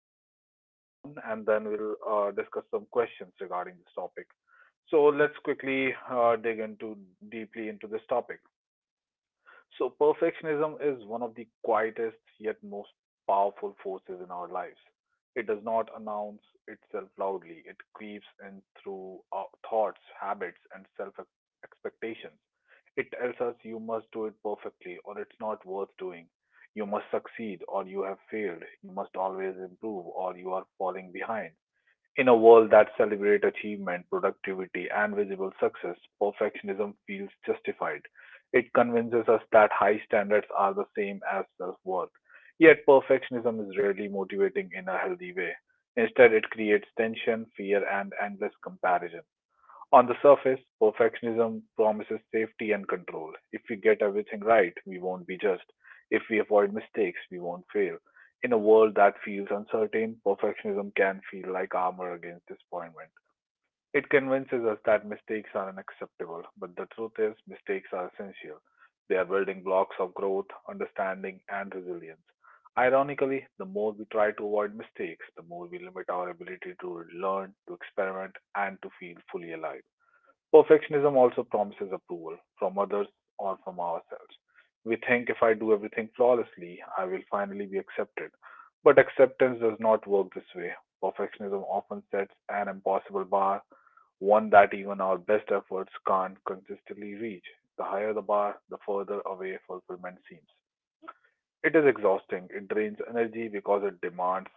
this topic one by one and then we'll discuss some questions regarding this topic. So let's quickly dig into deeply into this topic. So, perfectionism is one of the quietest yet most powerful forces in our lives. It does not announce itself loudly, it creeps in through our thoughts, habits, and self expectations. It tells us you must do it perfectly or it's not worth doing. You must succeed or you have failed. You must always improve or you are falling behind. In a world that celebrates achievement, productivity, and visible success, perfectionism feels justified. It convinces us that high standards are the same as self worth. Yet, perfectionism is rarely motivating in a healthy way. Instead, it creates tension, fear, and endless comparison. On the surface, perfectionism promises safety and control. If we get everything right, we won't be judged. If we avoid mistakes, we won't fail. In a world that feels uncertain, perfectionism can feel like armor against disappointment. It convinces us that mistakes are unacceptable, but the truth is, mistakes are essential. They are building blocks of growth, understanding, and resilience. Ironically, the more we try to avoid mistakes, the more we limit our ability to learn, to experiment, and to feel fully alive. Perfectionism also promises approval from others or from ourselves. We think if I do everything flawlessly, I will finally be accepted. But acceptance does not work this way. Perfectionism often sets an impossible bar, one that even our best efforts can't consistently reach. The higher the bar, the further away fulfillment seems. It is exhausting. It drains energy because it demands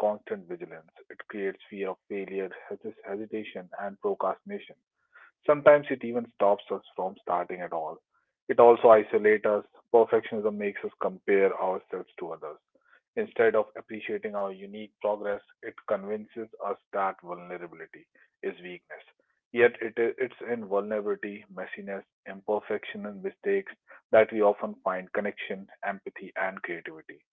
constant vigilance. It creates fear of failure, hesitation, and procrastination. Sometimes it even stops us from starting at all. It also isolates us. Perfectionism makes us compare ourselves to others. Instead of appreciating our unique progress, it convinces us that vulnerability is weakness. It's in vulnerability, messiness, imperfection, and mistakes that we often find connection, empathy, and creativity.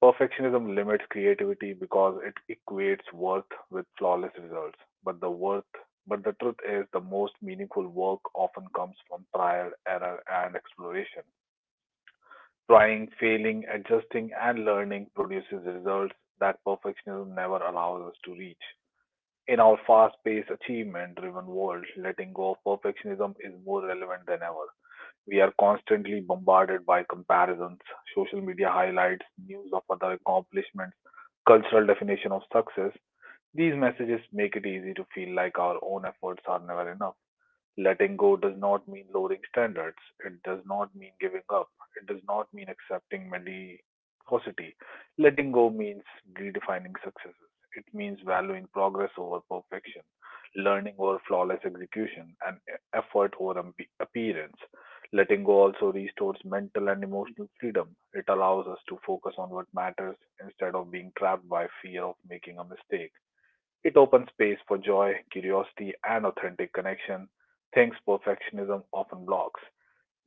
Perfectionism limits creativity because it equates worth with flawless results. But the worth, but the truth is, the most meaningful work often comes from trial, error, and exploration. Trying, failing, adjusting, and learning produces results that perfectionism never allows us to reach. In our fast paced, achievement driven world, letting go of perfectionism is more relevant than ever. We are constantly bombarded by comparisons. Social media highlights, news of other accomplishments, cultural definition of success. These messages make it easy to feel like our own efforts are never enough. Letting go does not mean lowering standards. It does not mean giving up. It does not mean accepting mediocrity. Letting go means redefining successes. It means valuing progress over perfection, learning over flawless execution, and effort over appearance. Letting go also restores mental and emotional freedom. It allows us to focus on what matters instead of being trapped by fear of making a mistake. It opens space for joy, curiosity, and authentic connection, things perfectionism often blocks.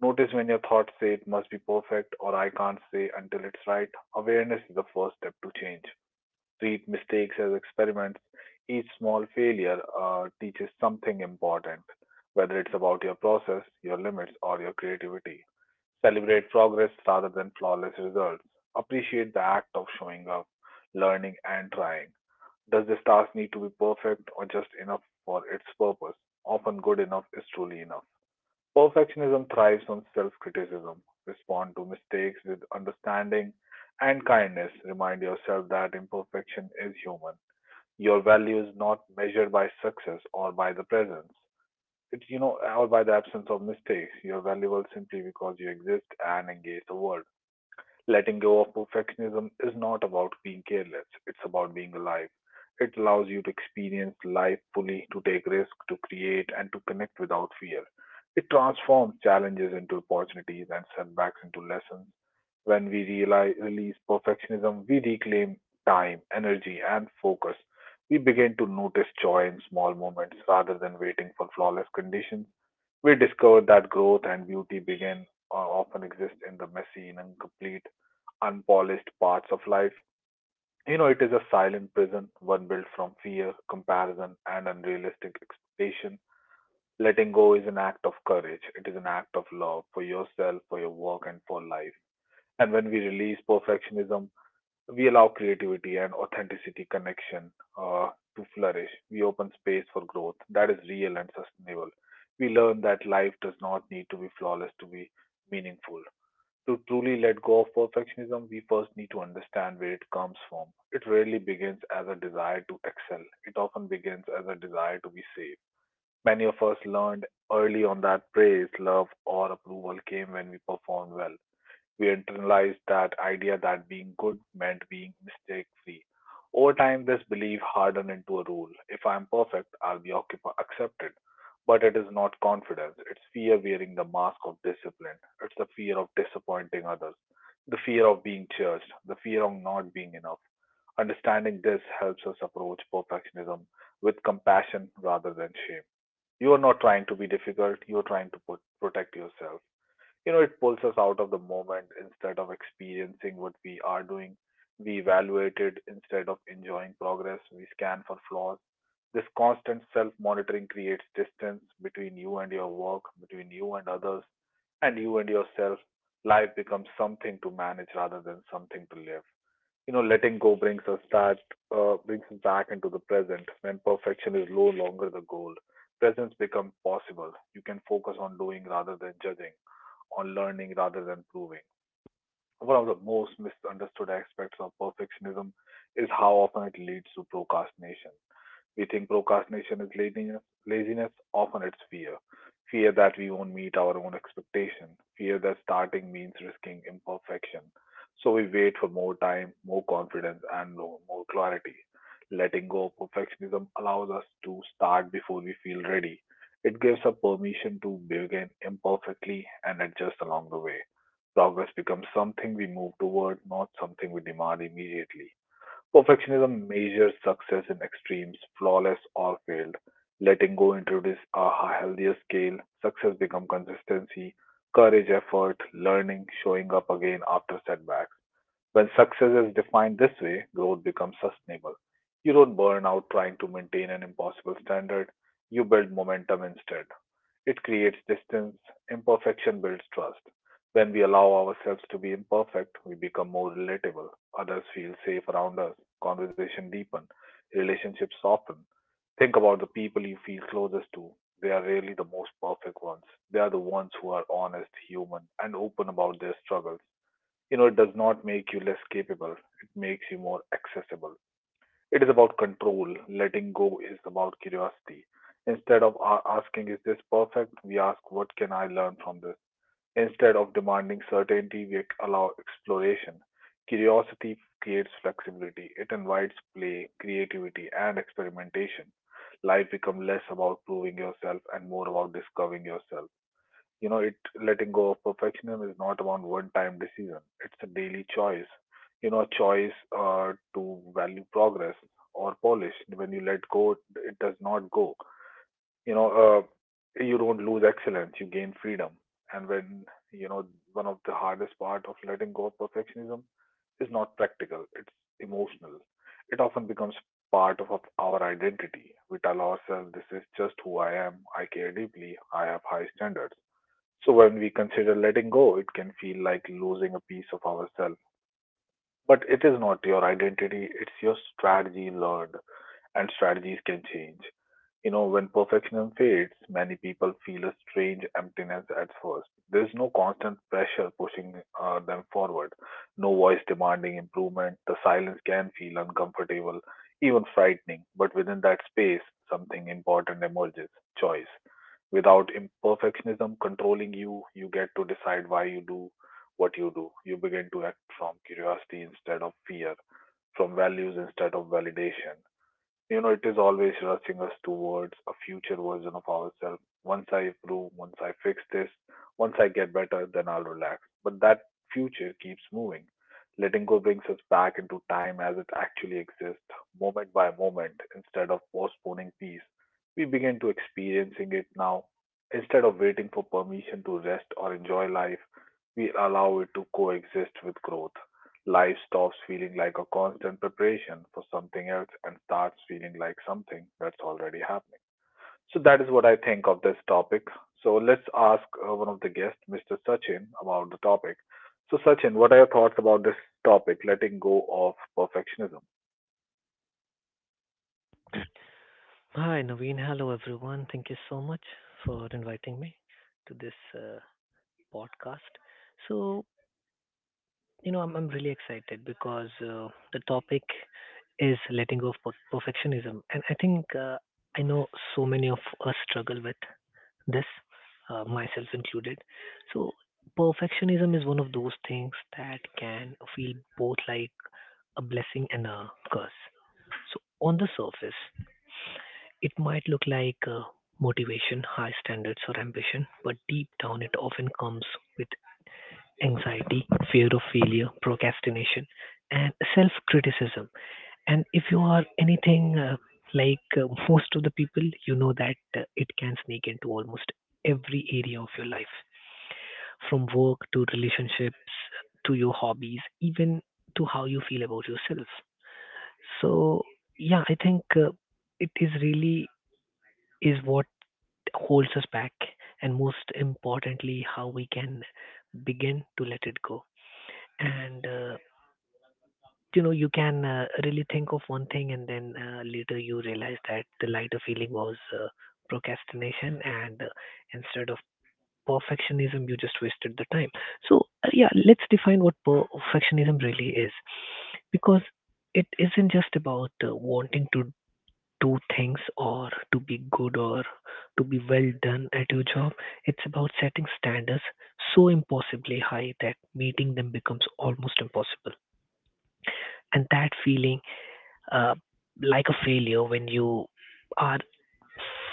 Notice when your thoughts say it must be perfect or I can't say until it's right. Awareness is the first step to change. Treat mistakes as experiments. Each small failure teaches something important, whether it's about your process, your limits, or your creativity. Celebrate progress rather than flawless results. Appreciate the act of showing up, learning, and trying. Does this task need to be perfect or just enough for its purpose? Often good enough is truly enough. Perfectionism thrives on self criticism. Respond to mistakes with understanding and kindness. Remind yourself that imperfection is human. Your value is not measured by success or by the presence. Or by the absence of mistakes. You're valuable simply because you exist and engage the world. Letting go of perfectionism is not about being careless, it's about being alive. It allows you to experience life fully, to take risks, to create, and to connect without fear. It transforms challenges into opportunities and setbacks into lessons. When we release perfectionism, we reclaim time, energy, and focus. We begin to notice joy in small moments rather than waiting for flawless conditions. We discover that growth and beauty begin often exist in the messy and incomplete, unpolished parts of life. You know, it is a silent prison, one built from fear, comparison, and unrealistic expectation. Letting go is an act of courage. It is an act of love for yourself, for your work, and for life. And when we release perfectionism, we allow creativity and authenticity connection uh, to flourish. We open space for growth that is real and sustainable. We learn that life does not need to be flawless to be meaningful. To truly let go of perfectionism, we first need to understand where it comes from. It rarely begins as a desire to excel. It often begins as a desire to be safe. Many of us learned early on that praise love or approval came when we performed well. We internalized that idea that being good meant being mistake free. Over time, this belief hardened into a rule. If I'm perfect, I'll be accepted. But it is not confidence, it's fear wearing the mask of discipline. It's the fear of disappointing others, the fear of being judged, the fear of not being enough. Understanding this helps us approach perfectionism with compassion rather than shame. You are not trying to be difficult, you are trying to protect yourself. You know, it pulls us out of the moment. Instead of experiencing what we are doing, we evaluate it. Instead of enjoying progress, we scan for flaws. This constant self monitoring creates distance between you and your work, between you and others, and you and yourself. Life becomes something to manage rather than something to live. You know, letting go brings us back, brings us back into the present. When perfection is no longer the goal, presence becomes possible. You can focus on doing rather than judging, on learning rather than proving. One of the most misunderstood aspects of perfectionism is how often it leads to procrastination. We think procrastination is laziness. Often it's fear. Fear that we won't meet our own expectation. Fear that starting means risking imperfection. So we wait for more time, more confidence, and more clarity. Letting go of perfectionism allows us to start before we feel ready. It gives us permission to begin imperfectly and adjust along the way. Progress becomes something we move toward, not something we demand immediately. Perfectionism measures success in extremes: flawless or failed. Letting go introduces a healthier scale. Success becomes consistency, courage, effort, learning, showing up again after setbacks. When success is defined this way, growth becomes sustainable. You don't burn out trying to maintain an impossible standard. You build momentum instead. It creates distance; imperfection builds trust. When we allow ourselves to be imperfect, we become more relatable. Others feel safe around us. Conversation deepen, relationships soften. Think about the people you feel closest to. They are rarely the most perfect ones. They are the ones who are honest, human, and open about their struggles. You know, it does not make you less capable, it makes you more accessible. It is about control. Letting go is about curiosity. Instead of asking, is this perfect? We ask, what can I learn from this? Instead of demanding certainty, we allow exploration. Curiosity creates flexibility, it invites play, creativity, and experimentation. Life becomes less about proving yourself and more about discovering yourself. You know, it letting go of perfectionism is not about one-time decision. It's a daily choice. You know, choice to value progress or polish. When you let go, it does not go. You know, you don't lose excellence. You gain freedom. And when you know, one of the hardest part of letting go of perfectionism is not practical. It's emotional. It often becomes part of our identity. We tell ourselves, this is just who I am. I care deeply. I have high standards. So when we consider letting go, it can feel like losing a piece of ourselves. But it is not your identity, it's your strategy learned, and strategies can change. You know, when perfectionism fades, many people feel a strange emptiness at first. There is no constant pressure pushing them forward, no voice demanding improvement. The silence can feel uncomfortable, even frightening, but within that space, something important emerges choice. Without imperfectionism controlling you, you get to decide why you do what you do. You begin to act from curiosity instead of fear, from values instead of validation. You know, it is always rushing us towards a future version of ourselves. Once I improve, once I fix this, once I get better, then I'll relax. But that future keeps moving. Letting go brings us back into time as it actually exists, moment by moment, instead of postponing peace. We begin to experiencing it now. Instead of waiting for permission to rest or enjoy life, we allow it to coexist with growth. Life stops feeling like a constant preparation for something else and starts feeling like something that's already happening. So that is what I think of this topic. So let's ask one of the guests, Mr. Sachin, about the topic. So Sachin, what are your thoughts about this topic, letting go of perfectionism? Hi, Naveen. Hello, everyone. Thank you so much for inviting me to this podcast. So I'm really excited because the topic is letting go of perfectionism. And I think I know so many of us struggle with this, myself included. So, perfectionism is one of those things that can feel both like a blessing and a curse. So, on the surface, it might look like motivation, high standards, or ambition, but deep down it often comes with anxiety, fear of failure, procrastination, and self criticism. And if you are anything like most of the people, you know that it can sneak into almost every area of your life, from work to relationships to your hobbies, even to how you feel about yourself. So, yeah, I think it is really is what holds us back, and most importantly, how we can begin to let it go. And you know, you can really think of one thing, and then later you realize that the lighter feeling was procrastination, and instead of perfectionism, you just wasted the time. So, yeah, let's define what perfectionism really is, because it isn't just about wanting to do things or to be good or to be well done at your job. It's about setting standards so impossibly high that meeting them becomes almost impossible. And that feeling uh, like a failure when you are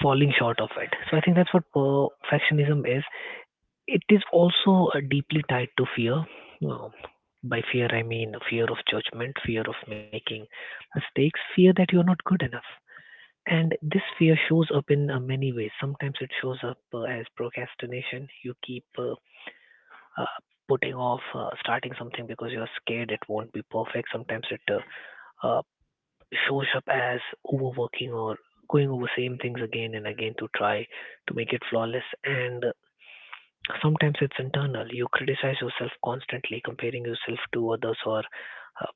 falling short of it. So I think that's what perfectionism is. It is also deeply tied to fear. Uh, by fear, I mean fear of judgment, fear of making mistakes, fear that you're not good enough. And this fear shows up in many ways. Sometimes it shows up as procrastination. You keep uh, putting off starting something because you're scared it won't be perfect. Sometimes it uh, shows up as overworking or going over same things again and again to try to make it flawless. And sometimes it's internal. You criticize yourself constantly, comparing yourself to others or uh,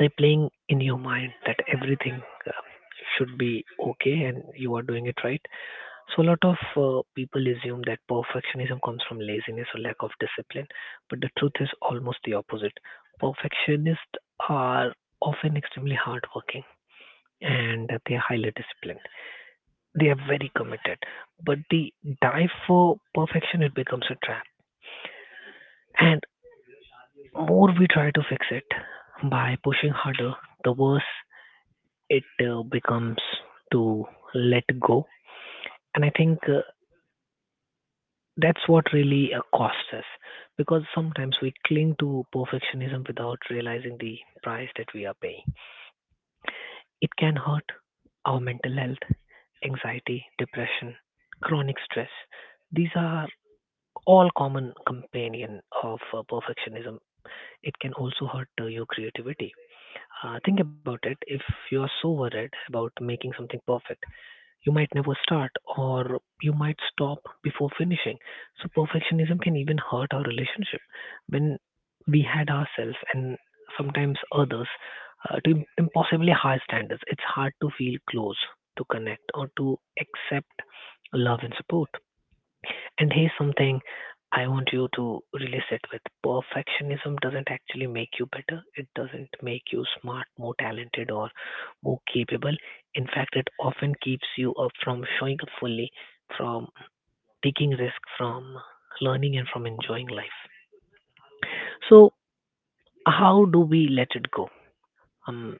replaying in your mind that everything uh, should be okay and you are doing it right. So a lot of people assume that perfectionism comes from laziness or lack of discipline, but the truth is almost the opposite. Perfectionists are often extremely hardworking and they are highly disciplined. They are very committed, but the dive for perfection it becomes a trap. And more we try to fix it by pushing harder, the worse it becomes to let go. And I think that's what really costs us, because sometimes we cling to perfectionism without realizing the price that we are paying. It can hurt our mental health, anxiety, depression, chronic stress. These are all common companion of perfectionism. It can also hurt your creativity. Think about it. If you are so worried about making something perfect, you might never start, or you might stop before finishing. So, perfectionism can even hurt our relationship when we had ourselves and sometimes others to impossibly high standards. It's hard to feel close, to connect, or to accept love and support. And here's something I want you to really sit with. Perfectionism doesn't actually make you better. It doesn't make you smart, more talented, or more capable. In fact, it often keeps you up from showing up fully, from taking risk, from learning, and from enjoying life. So, how do we let it go? Um,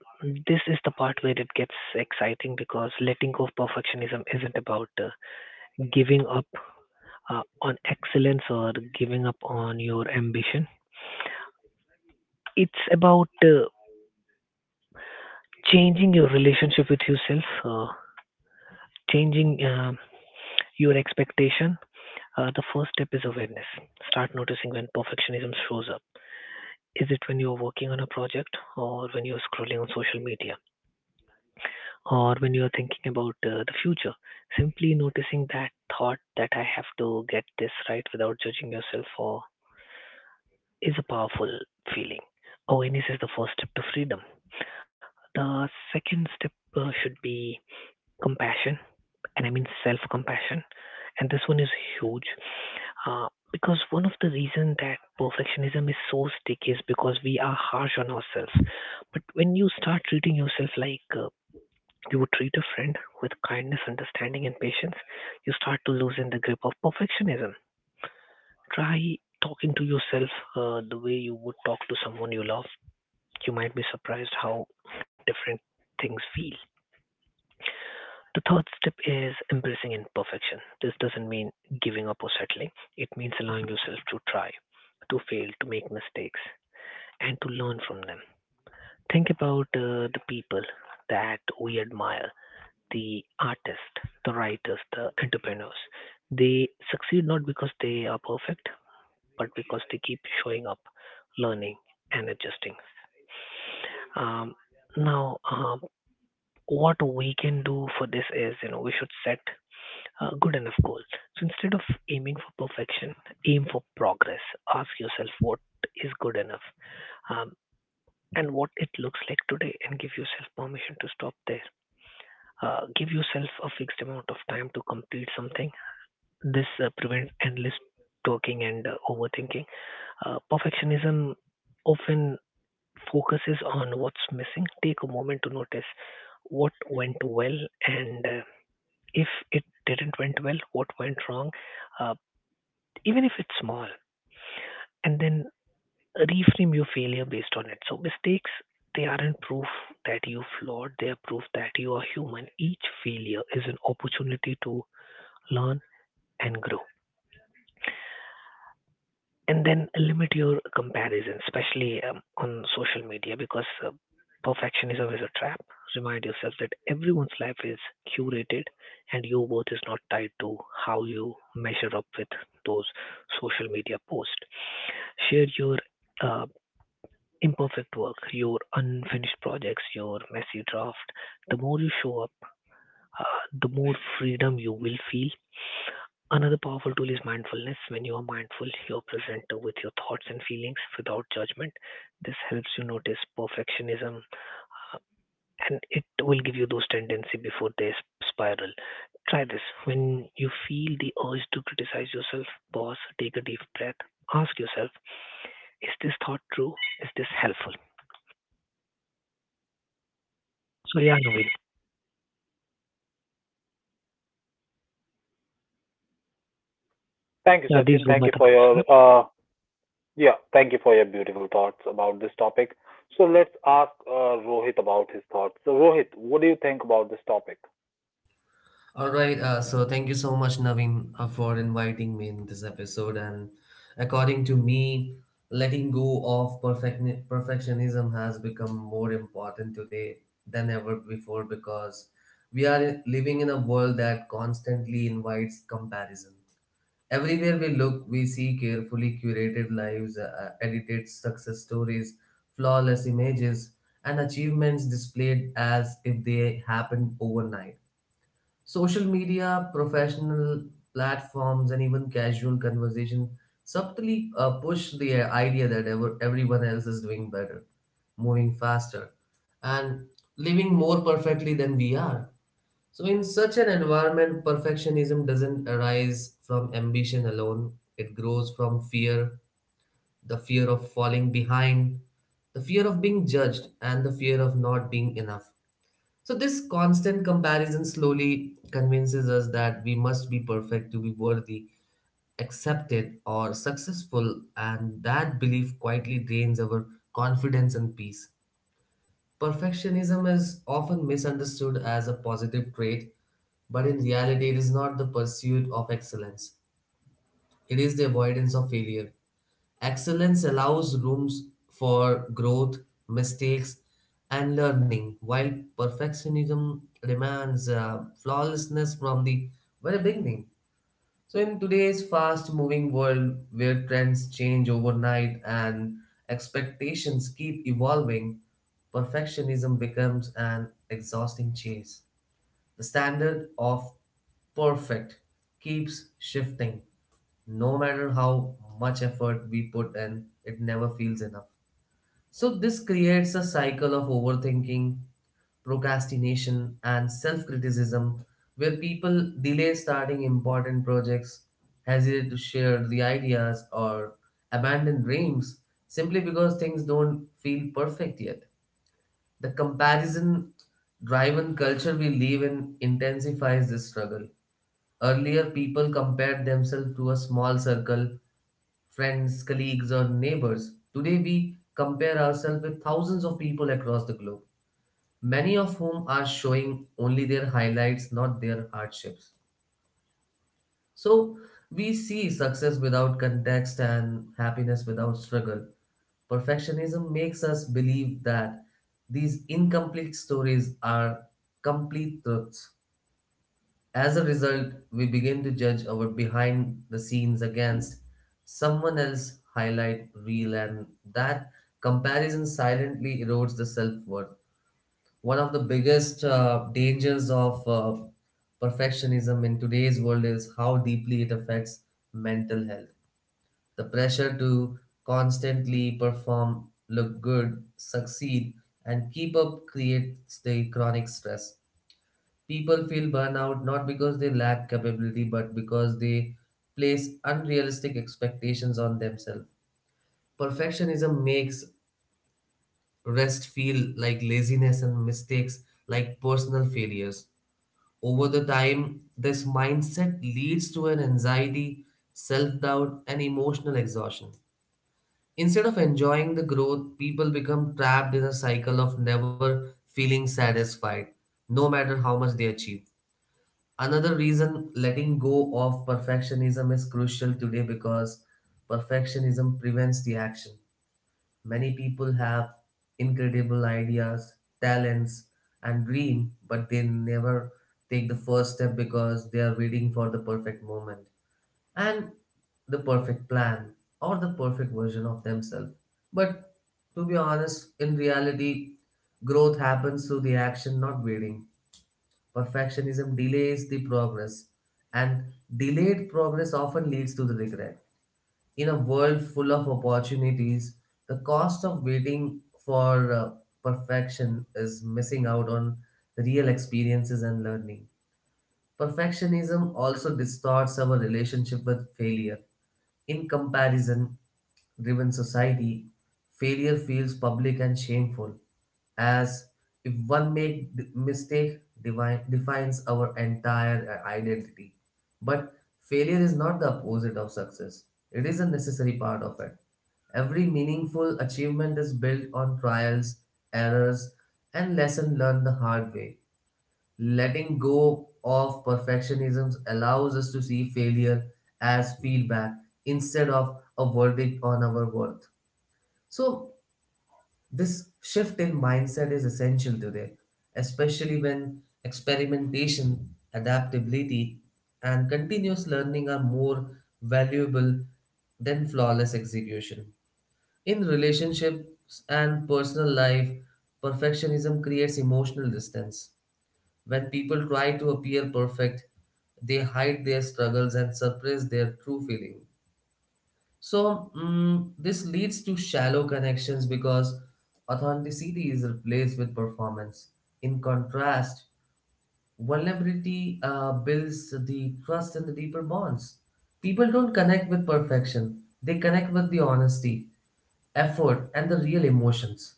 this is the part where it gets exciting because letting go of perfectionism isn't about giving up on excellence or giving up on your ambition. It's about changing your relationship with yourself, changing your expectation. The first step is awareness. Start noticing when perfectionism shows up. Is it when you're working on a project, or when you're scrolling on social media, or when you're thinking about the future? Simply noticing that thought that I have to get this right without judging yourself for is a powerful feeling. Awareness is the first step to freedom. The second step should be compassion, and I mean self compassion. And this one is huge because one of the reasons that perfectionism is so sticky is because we are harsh on ourselves. But when you start treating yourself like you would treat a friend with kindness, understanding, and patience, you start to loosen the grip of perfectionism. Try talking to yourself the way you would talk to someone you love. You might be surprised how different things feel. The third step is embracing imperfection. This doesn't mean giving up or settling, it means allowing yourself to try, to fail, to make mistakes, and to learn from them. Think about the people that we admire, the artists, the writers, the entrepreneurs. They succeed not because they are perfect, but because they keep showing up, learning, and adjusting. Um, now, what we can do for this is, you know, we should set good enough goal. So instead of aiming for perfection, aim for progress. Ask yourself what is good enough um, and what it looks like today, and give yourself permission to stop there. Give yourself a fixed amount of time to complete something. This prevents endless talking and overthinking. Perfectionism often focuses on what's missing. Take a moment to notice what went well and if it didn't went well, what went wrong. Uh, even if it's small, and then reframe your failure based on it. So mistakes, they aren't proof that you flawed, they are proof that you are human. Each failure is an opportunity to learn and grow. And then limit your comparison, especially on social media, because perfectionism is a trap. Remind yourself that everyone's life is curated and your worth is not tied to how you measure up with those social media posts. Share your uh, imperfect work, your unfinished projects, your messy draft, the more you show up, uh, the more freedom you will feel. Another powerful tool is mindfulness. When you are mindful, you are present with your thoughts and feelings without judgment. This helps you notice perfectionism and it will give you those tendency before they spiral. Try this. When you feel the urge to criticize yourself, boss, take a deep breath. Ask yourself, is this thought true? Is this helpful? So yeah, Naveen, Thank you, yeah, these Sachin. were Thank my you for thoughts. your Yep. Yeah. Thank you for your beautiful thoughts about this topic. So let's ask Rohit about his thoughts. So Rohit, what do you think about this topic? All right, so thank you so much, Naveen, for inviting me in this episode. And according to me, letting go of perfectionism has become more important today than ever before because we are living in a world that constantly invites comparison. Everywhere we look, we see carefully curated lives, edited success stories, flawless images, and achievements displayed as if they happened overnight. Social media, professional platforms, and even casual conversation subtly push the idea that everyone else is doing better, moving faster, and living more perfectly than we are. So, in such an environment, perfectionism doesn't arise from ambition alone, it grows from fear, the fear of falling behind, the fear of being judged, and the fear of not being enough. So, this constant comparison slowly convinces us that we must be perfect to be worthy, accepted, or successful, and that belief quietly drains our confidence and peace. Perfectionism is often misunderstood as a positive trait, but in reality, it is not the pursuit of excellence, it is the avoidance of failure. Excellence allows rooms for growth, mistakes, and learning, while perfectionism demands flawlessness from the very beginning. So, in today's fast moving world where trends change overnight and expectations keep evolving, perfectionism becomes an exhausting chase. The standard of perfect keeps shifting. No matter how much effort we put in, it never feels enough. So, this creates a cycle of overthinking, procrastination, and self criticism where people delay starting important projects, hesitate to share the ideas, or abandon dreams simply because things don't feel perfect yet. The comparison driven culture we live in intensifies this struggle. Earlier, people compared themselves to a small circle, friends, colleagues, or neighbors. Today, we compare ourselves with thousands of people across the globe, many of whom are showing only their highlights, not their hardships. So, we see success without context and happiness without struggle. Perfectionism makes us believe that these incomplete stories are complete truths. As a result, we begin to judge our behind the scenes against someone else highlight reel, and that comparison silently erodes the self-worth. One of the biggest dangers of perfectionism in today's world is how deeply it affects mental health. The pressure to constantly perform, look good, succeed, and keep up creates the chronic stress. People feel burnout not because they lack capability, but because they place unrealistic expectations on themselves. Perfectionism makes rest feel like laziness and mistakes like personal failures. Over the time, this mindset leads to an anxiety, self doubt, and emotional exhaustion. Instead of enjoying the growth, people become trapped in a cycle of never feeling satisfied, no matter how much they achieve. Another reason letting go of perfectionism is crucial today because perfectionism prevents the action. Many people have incredible ideas, talents, and dream, but they never take the first step because they are waiting for the perfect moment and the perfect plan or the perfect version of themselves. But to be honest, in reality, growth happens through the action, not waiting. Perfectionism delays the progress, and delayed progress often leads to the regret. In a world full of opportunities, the cost of waiting for perfection is missing out on real experiences and learning. Perfectionism also distorts our relationship with failure. In comparison, driven society, failure feels public and shameful, as if one make d- mistake devi- defines our entire identity. But failure is not the opposite of success; it is a necessary part of it. Every meaningful achievement is built on trials, errors, and lesson learned the hard way. Letting go of perfectionism allows us to see failure as feedback instead of a verdict on our worth. So, this shift in mindset is essential today, especially when experimentation, adaptability, and continuous learning are more valuable than flawless execution. In relationships and personal life, perfectionism creates emotional distance when people try to appear perfect, they hide their struggles and suppress their true feeling. So, this leads to shallow connections because authenticity is replaced with performance. In contrast, vulnerability builds the trust and the deeper bonds. People don't connect with perfection, they connect with the honesty, effort, and the real emotions.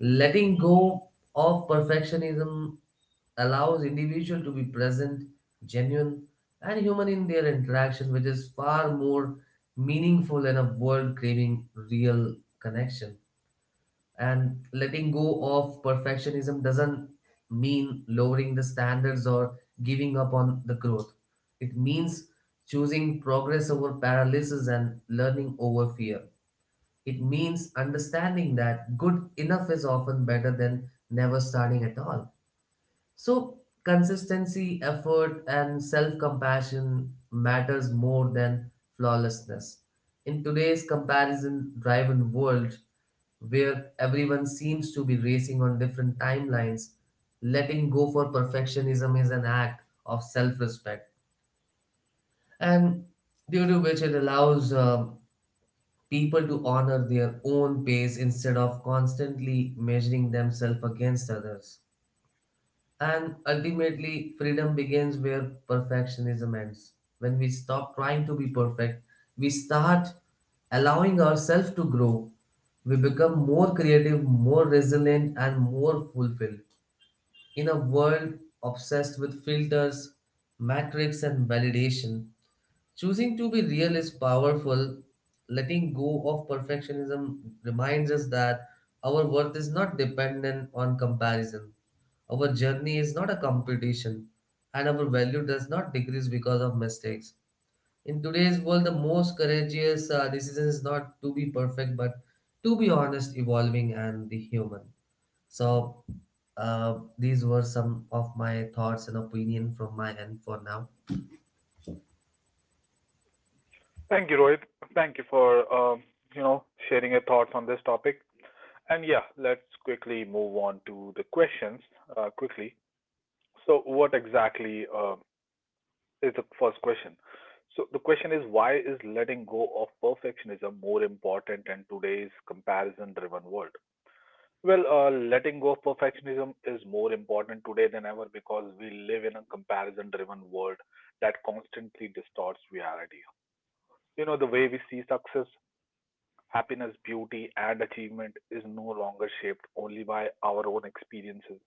Letting go of perfectionism allows individual to be present, genuine, and human in their interaction, which is far more meaningful in a world craving real connection. And letting go of perfectionism doesn't mean lowering the standards or giving up on the growth. It means choosing progress over paralysis and learning over fear. It means understanding that good enough is often better than never starting at all. So consistency, effort, and self-compassion matters more than flawlessness. In today's comparison-driven world, where everyone seems to be racing on different timelines, letting go for perfectionism is an act of self-respect, and due to which it allows people to honor their own pace instead of constantly measuring themselves against others. And ultimately, freedom begins where perfectionism ends. When we stop trying to be perfect, we start allowing ourselves to grow. We become more creative, more resilient, and more fulfilled. In a world obsessed with filters, metrics, and validation, choosing to be real is powerful. Letting go of perfectionism reminds us that our worth is not dependent on comparison. Our journey is not a competition, and our value does not decrease because of mistakes. In today's world, the most courageous decision is not to be perfect, but to be honest, evolving, and the human. So, these were some of my thoughts and opinion from my end for now. Thank you, Rohit. Thank you for you know sharing your thoughts on this topic. And yeah, let's quickly move on to the questions quickly. So, what exactly is the first question? So, the question is why is letting go of perfectionism more important in today's comparison-driven world? Well, letting go of perfectionism is more important today than ever because we live in a comparison-driven world that constantly distorts reality. You know, the way we see success, happiness, beauty, and achievement is no longer shaped only by our own experiences.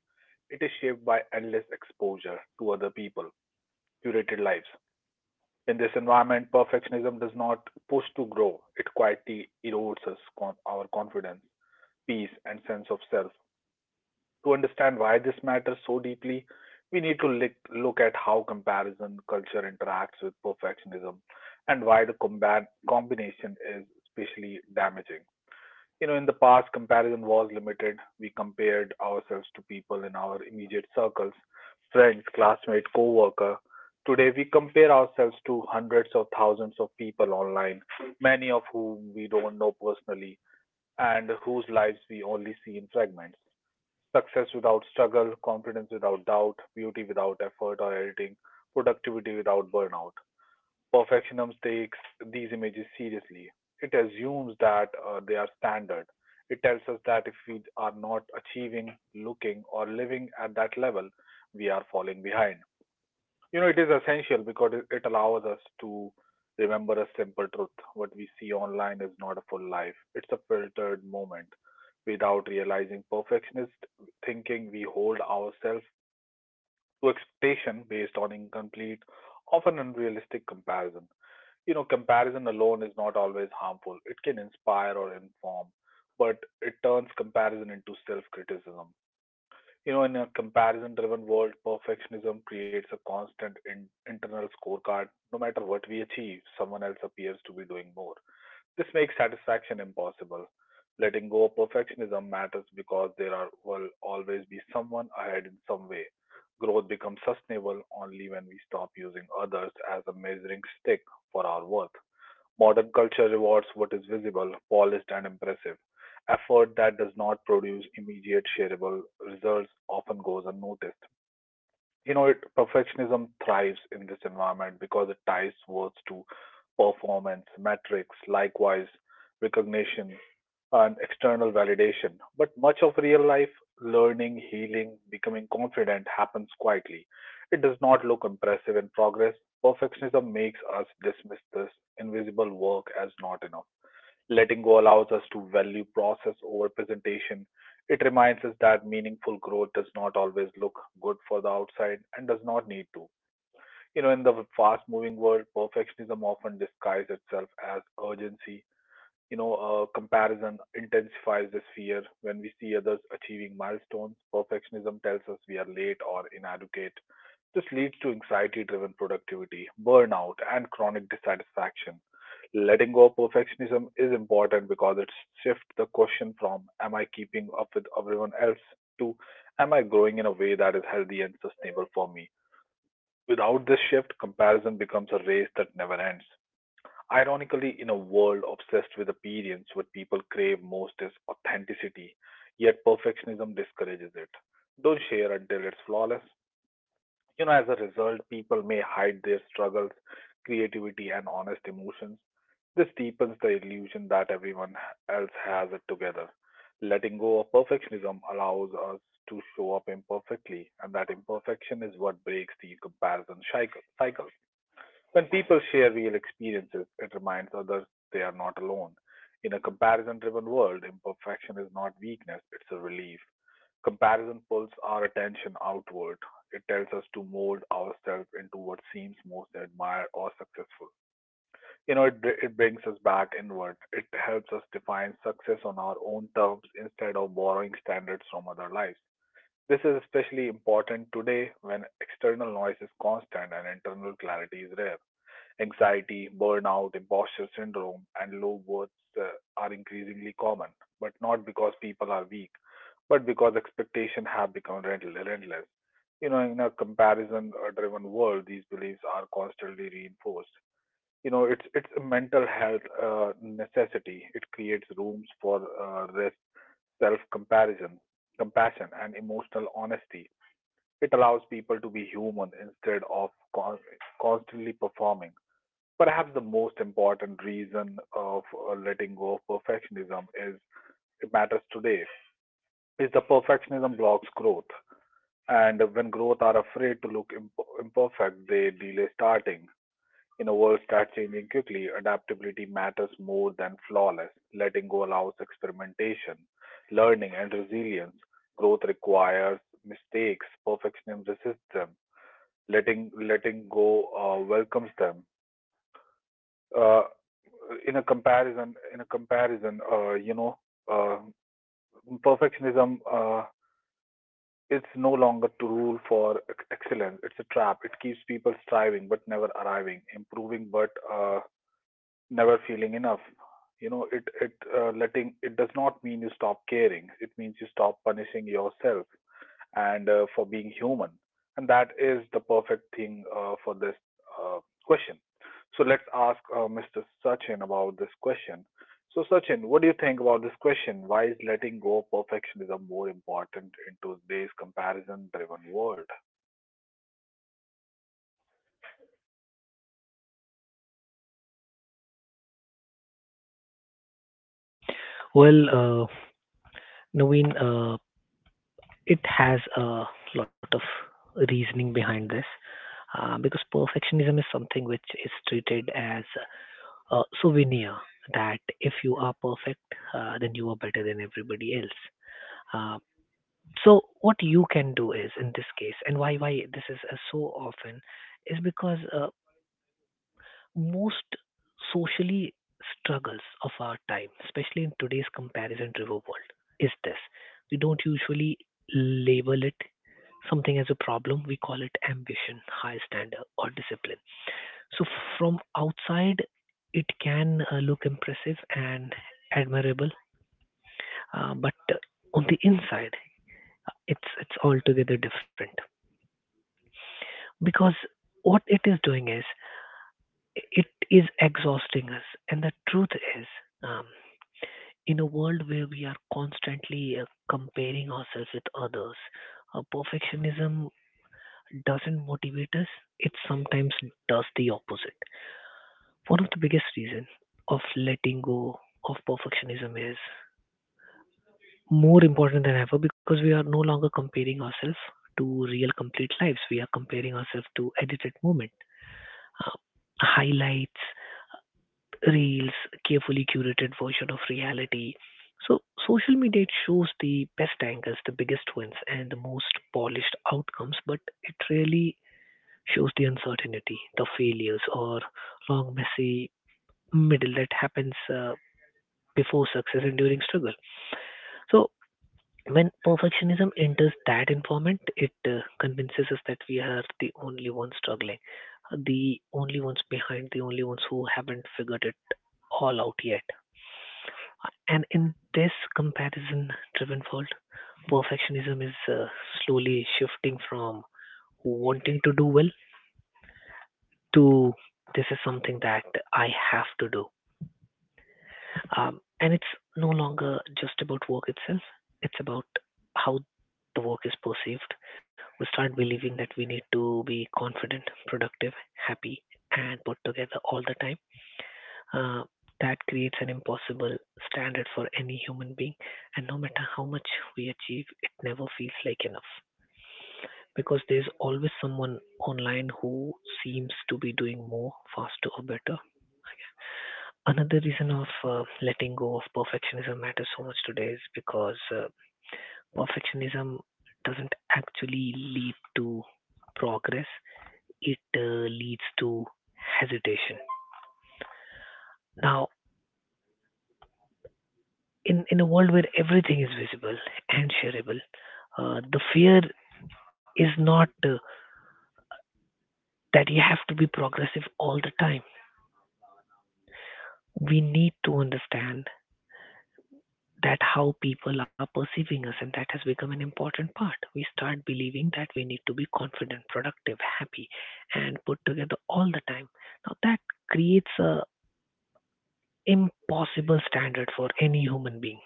It is shaped by endless exposure to other people, curated lives. In this environment, perfectionism does not push to grow. It quietly erodes our confidence, peace, and sense of self. To understand why this matters so deeply, we need to look at how comparison culture interacts with perfectionism and why the combat combination is especially damaging. You know, in the past, comparison was limited. We compared ourselves to people in our immediate circles, friends, classmates, co-worker. Today, we compare ourselves to hundreds of thousands of people online, many of whom we don't know personally and whose lives we only see in fragments. Success without struggle, confidence without doubt, beauty without effort or editing, productivity without burnout. Perfectionism takes these images seriously. It assumes that they are standard. It tells us that if we are not achieving, looking, or living at that level, we are falling behind. You know, it is essential because it allows us to remember a simple truth. What we see online is not a full life, it's a filtered moment. Without realizing perfectionist thinking, we hold ourselves to expectation based on incomplete, often unrealistic comparison. You know, comparison alone is not always harmful. It can inspire or inform, but it turns comparison into self criticism. You know, in a comparison driven world, perfectionism creates a constant internal scorecard. No matter what we achieve, someone else appears to be doing more. This makes satisfaction impossible. Letting go of perfectionism matters because there are, will always be someone ahead in some way. Growth becomes sustainable only when we stop using others as a measuring stick for our worth. Modern culture rewards what is visible, polished, and impressive. Effort that does not produce immediate shareable results often goes unnoticed. Perfectionism thrives in this environment because it ties words to performance, metrics, likewise, recognition, and external validation. But much of real life learning, healing, becoming confident happens quietly. It does not look impressive in progress. Perfectionism makes us dismiss this invisible work as not enough. Letting go allows us to value process over presentation. It reminds us that meaningful growth does not always look good for the outside and does not need to. You know, in the fast moving world, perfectionism often disguises itself as urgency. You know, comparison intensifies this fear. When we see others achieving milestones, perfectionism tells us we are late or inadequate. This leads to anxiety driven productivity, burnout, and chronic dissatisfaction. Letting go of perfectionism is important because it shifts the question from am I keeping up with everyone else to am I growing in a way that is healthy and sustainable for me? Without this shift, comparison becomes a race that never ends. Ironically, in a world obsessed with appearance, what people crave most is authenticity, yet perfectionism discourages it. Don't share until it's flawless. You know, as a result, people may hide their struggles, creativity, and honest emotions. This deepens the illusion that everyone else has it together. Letting go of perfectionism allows us to show up imperfectly, and that imperfection is what breaks the comparison cycle. When people share real experiences, it reminds others they are not alone. In a comparison driven world, imperfection is not weakness, it's a relief. Comparison pulls our attention outward. It tells us to mold ourselves into what seems most admired or successful. It brings us back inward. It helps us define success on our own terms instead of borrowing standards from other lives. This is especially important today when external noise is constant and internal clarity is rare. Anxiety, burnout, imposter syndrome, and low worth uh, are increasingly common, but not because people are weak, but because expectations have become relentless. You know, in a comparison-driven world, these beliefs are constantly reinforced. You know, it's a mental health necessity. It creates rooms for rest, self-comparison, compassion, and emotional honesty. It allows people to be human instead of constantly performing. Perhaps the most important reason of letting go of perfectionism is it matters today is the perfectionism blocks growth. And when growth are afraid to look imperfect, they delay starting. In a world that's changing quickly, adaptability matters more than flawless. Letting go allows experimentation, learning, and resilience. Growth requires mistakes. Perfectionism resists them. Letting go welcomes them. Uh, in a comparison uh, perfectionism it's no longer to rule for excellence, it's a trap. It keeps people striving but never arriving, improving but never feeling enough. You know it it letting it does not mean you stop caring, it means you stop punishing yourself and for being human. And that is the perfect thing for this uh, question. So let's ask Mr. Sachin about this question. So Sachin, what do you think about this question? Why is letting go of perfectionism more important in today's comparison-driven world? Well, Naveen, it has a lot of reasoning behind this because perfectionism is something which is treated as a souvenir that if you are perfect, then you are better than everybody else. Uh, so what you can do is in this case, and why this is so often, is because most socially struggles of our time, especially in today's comparison driven world, is this. We don't usually label it something as a problem, we call it ambition, high standard, or discipline. So, from outside, it can look impressive and admirable, but on the inside, it's altogether different because what it is doing is it is exhausting us, and the truth is um, in a world where we are constantly comparing ourselves with others, perfectionism doesn't motivate us, it sometimes does the opposite. One of the biggest reasons of letting go of perfectionism is more important than ever because we are no longer comparing ourselves to real complete lives. We are comparing ourselves to edited moment, uh, highlights, reels, carefully curated version of reality. So social media it shows the best angles, the biggest wins, and the most polished outcomes, but it really shows the uncertainty, the failures, or long messy middle that happens before success and during struggle. So when perfectionism enters that environment, it convinces us that we are the only ones struggling, the only ones behind, the only ones who haven't figured it all out yet. And in this comparison-driven world, perfectionism is slowly shifting from wanting to do well to this is something that I have to do. Um, and it's no longer just about work itself, it's about how the work is perceived. We start believing that we need to be confident, productive, happy, and put together all the time. uh, that creates an impossible standard for any human being. And no matter how much we achieve, it never feels like enough because there's always someone online who seems to be doing more, faster, or better. Another reason of letting go of perfectionism matters so much today is because perfectionism doesn't actually lead to progress, it leads to hesitation. Now, in a world where everything is visible and shareable, the fear is not that you have to be progressive all the time. We need to understand that how people are perceiving us, and that has become an important part. We start believing that we need to be confident, productive, happy, and put together all the time. Now that creates a impossible standard for any human being,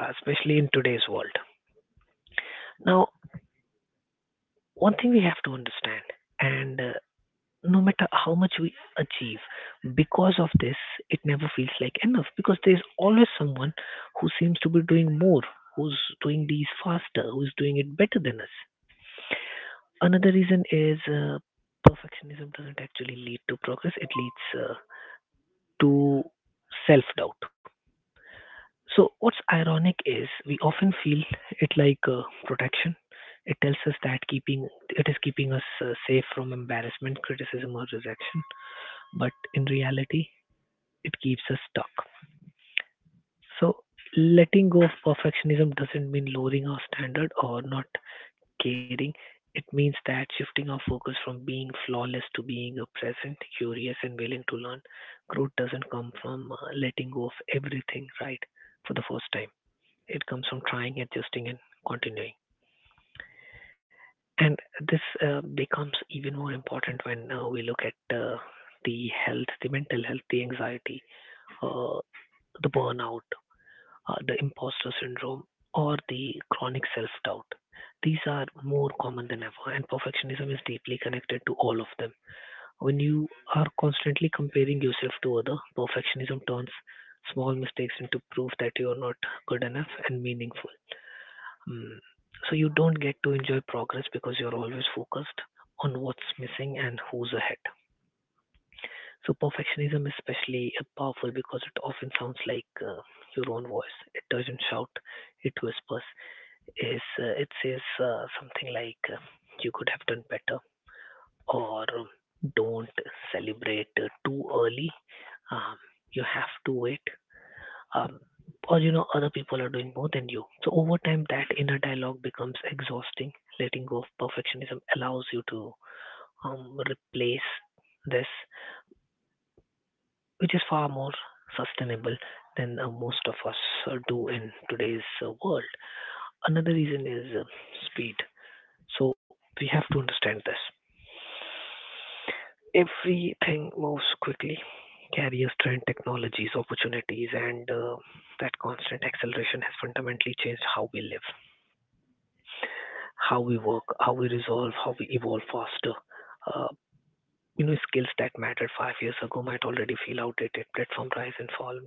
especially in today's world. Now, one thing we have to understand, and no matter how much we achieve because of this, it never feels like enough because there's always someone who seems to be doing more, who's doing these faster, who's doing it better than us. Another reason is, perfectionism doesn't actually lead to progress, it leads to self doubt. So what's ironic is we often feel it like protection. It tells us that keeping it is keeping us safe from embarrassment, criticism, or rejection, but in reality it keeps us stuck. So letting go of perfectionism doesn't mean lowering our standard or not caring. It means that shifting our focus from being flawless to being a present, curious, and willing to learn. Growth doesn't come from letting go of everything right for the first time. It comes from trying, adjusting, and continuing. And this becomes even more important when we look at the health, the mental health, the anxiety, uh, the burnout, the imposter syndrome, or the chronic self doubt. These are more common than ever, and perfectionism is deeply connected to all of them. When you are constantly comparing yourself to other, perfectionism turns small mistakes into proof that you are not good enough and meaningful. Mm. So you don't get to enjoy progress because you're always focused on what's missing and who's ahead. So perfectionism is especially powerful because it often sounds like your own voice. It doesn't shout, it whispers, is it says something like, you could have done better, or don't celebrate too early. Um, you have to wait. Um, or other people are doing more than you. So over time that inner dialogue becomes exhausting. Letting go of perfectionism allows you to replace this, which is far more sustainable than most of us do in today's world. Another reason is speed. So we have to understand this. Everything moves quickly. Careers, trend, technologies, opportunities, and that constant acceleration has fundamentally changed how we live, how we work, how we resolve, how we evolve faster. Uh, Skills that mattered 5 years ago might already feel outdated. Platform rise and fall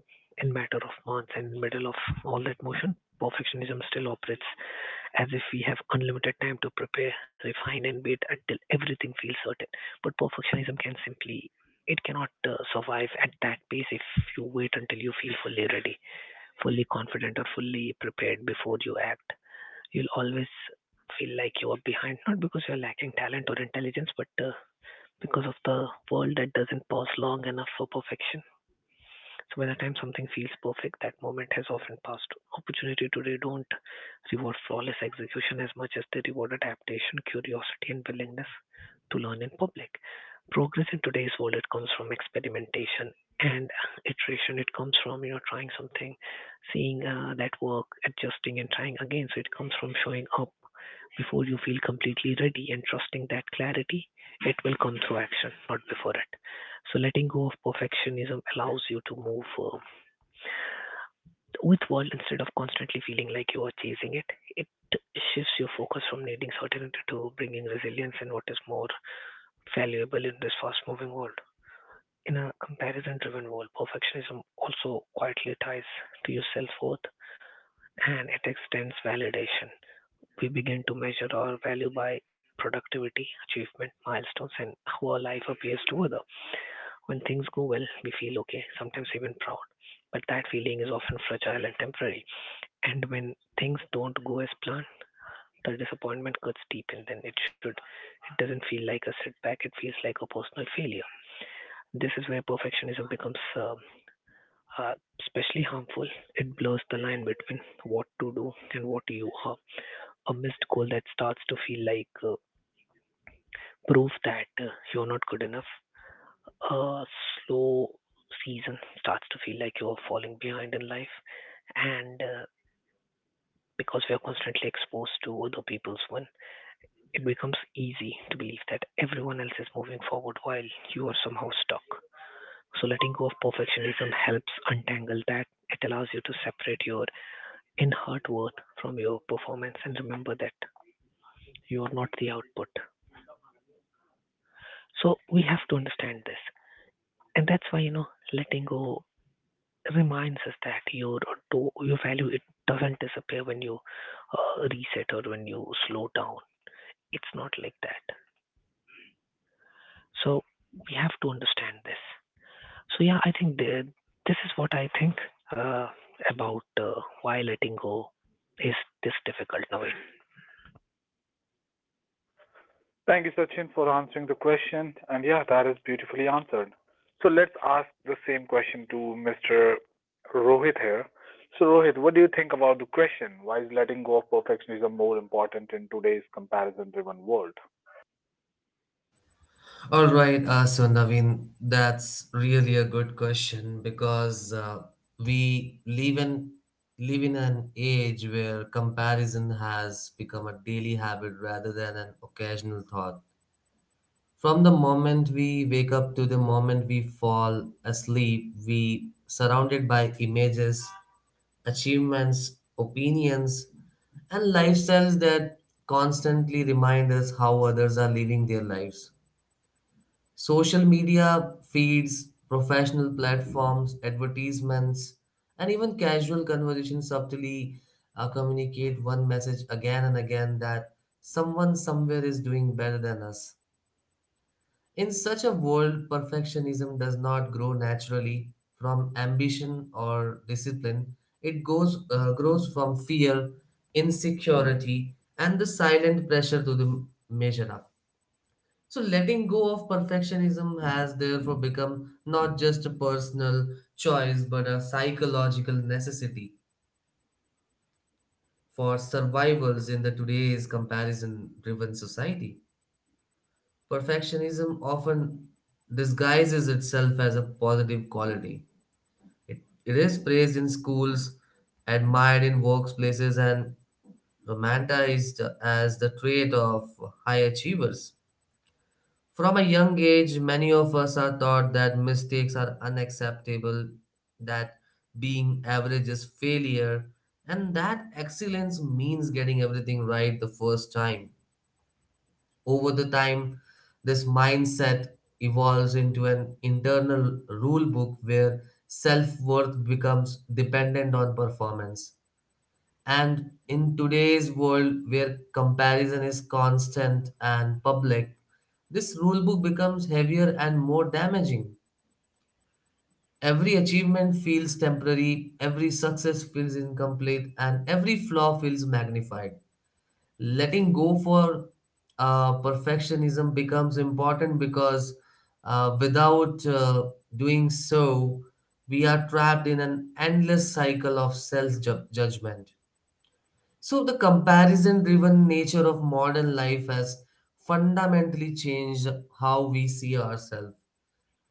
in matter of months, and in the middle of all that motion, perfectionism still operates as if we have unlimited time to prepare, refine, and wait until everything feels certain. But perfectionism can simply it cannot survive at that pace. If you wait until you feel fully ready, fully confident, or fully prepared before you act, you'll always feel like you are behind, not because you're lacking talent or intelligence, but because of the world that doesn't pause long enough for perfection. So by the time something feels perfect, that moment has often passed. Opportunity today don't reward flawless execution as much as they reward adaptation, curiosity, and willingness to learn in public. Progress in today's world, it comes from experimentation and iteration. It comes from trying something, seeing that work, adjusting, and trying again. So it comes from showing up before you feel completely ready and trusting that clarity, it will come through action, not before it. So letting go of perfectionism allows you to move with world instead of constantly feeling like you are chasing it. It shifts your focus from needing certainty to bringing resilience, and what is more valuable in this fast-moving world. In a comparison-driven world, perfectionism also quietly ties to your self-worth, and it extends validation. We begin to measure our value by productivity, achievement, milestones, and how our life appears to others. When things go well, we feel okay, sometimes even proud. But that feeling is often fragile and temporary. And when things don't go as planned, the disappointment cuts deeper than it should. It doesn't feel like a setback, it feels like a personal failure. This is where perfectionism becomes uh, especially harmful. It blurs the line between what to do and what you are. A missed goal that starts to feel like prove that you're not good enough, a slow season starts to feel like you're falling behind in life. And because we are constantly exposed to other people's one, it becomes easy to believe that everyone else is moving forward while you are somehow stuck. So, letting go of perfectionism helps untangle that. It allows you to separate your inherent worth from your performance and remember that you are not the output. So, we have to understand this. And that's why, letting go reminds us that your value, it doesn't disappear when you reset or when you slow down. It's not like that. So we have to understand this. So yeah, I think this is what I think uh, about why letting go is this difficult nowadays. Thank you, Sachin, for answering the question. And yeah, that is beautifully answered. So let's ask the same question to Mr. Rohit here. So, Rohit, what do you think about the question? Why is letting go of perfectionism more important in today's comparison driven world? All right, so Naveen, that's really a good question because we live in an age where comparison has become a daily habit rather than an occasional thought. From the moment we wake up to the moment we fall asleep, we surrounded by images, achievements, opinions, and lifestyles that constantly remind us how others are living their lives. Social media feeds, professional platforms, advertisements, and even casual conversations subtly communicate one message again and again that someone somewhere is doing better than us. In such a world, perfectionism does not grow naturally from ambition or discipline. It grows from fear, insecurity, and the silent pressure to the measure up. So, letting go of perfectionism has therefore become not just a personal choice but a psychological necessity for survivals in the today's comparison driven society. Perfectionism often disguises itself as a positive quality. It, it is praised in schools, admired in workplaces, and romanticized as the trait of high achievers. From a young age, many of us are taught that mistakes are unacceptable, that being average is failure, and that excellence means getting everything right the first time. Over the time, this mindset evolves into an internal rule book where self worth becomes dependent on performance. And in today's world where comparison is constant and public, this rule book becomes heavier and more damaging. Every achievement feels temporary, every success feels incomplete, and every flaw feels magnified. Letting go for perfectionism becomes important because without doing so, we are trapped in an endless cycle of self judgment. So, the comparison driven nature of modern life has fundamentally changed how we see ourselves.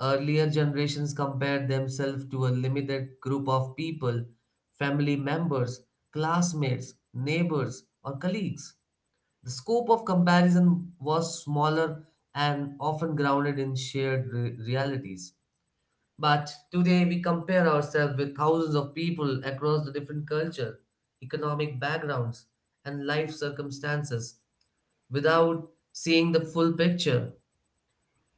Earlier generations compared themselves to a limited group of people, family members, classmates, neighbors, or colleagues. The scope of comparison was smaller and often grounded in shared realities. But today we compare ourselves with thousands of people across the different culture, economic backgrounds, and life circumstances without seeing the full picture.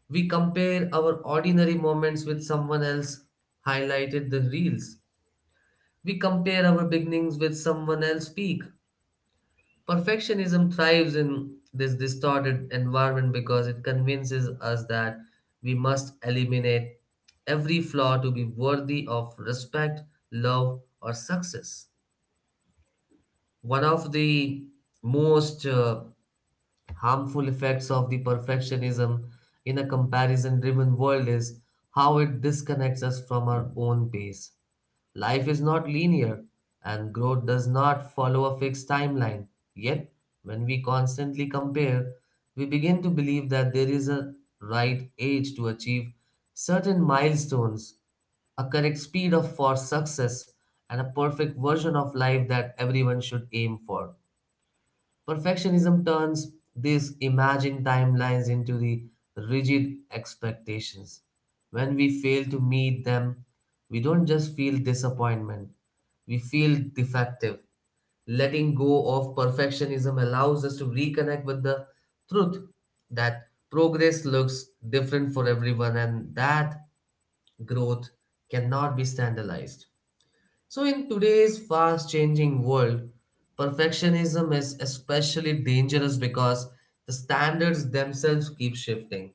We compare our ordinary moments with someone else highlighted the reels. We compare our beginnings with someone else's peak. Perfectionism thrives in this distorted environment because it convinces us that we must eliminate every flaw to be worthy of respect, love, or success. One of the most harmful effects of the perfectionism in a comparison driven world is how it disconnects us from our own pace. Life is not linear, and growth does not follow a fixed timeline. Yet, when we constantly compare, we begin to believe that there is a right age to achieve certain milestones, a correct speed of for success, and a perfect version of life that everyone should aim for. Perfectionism turns these imagined timelines into the rigid expectations. When we fail to meet them, we don't just feel disappointment, we feel defective. Letting go of perfectionism allows us to reconnect with the truth that progress looks different for everyone and that growth cannot be standardized. So, in today's fast changing world, perfectionism is especially dangerous because the standards themselves keep shifting.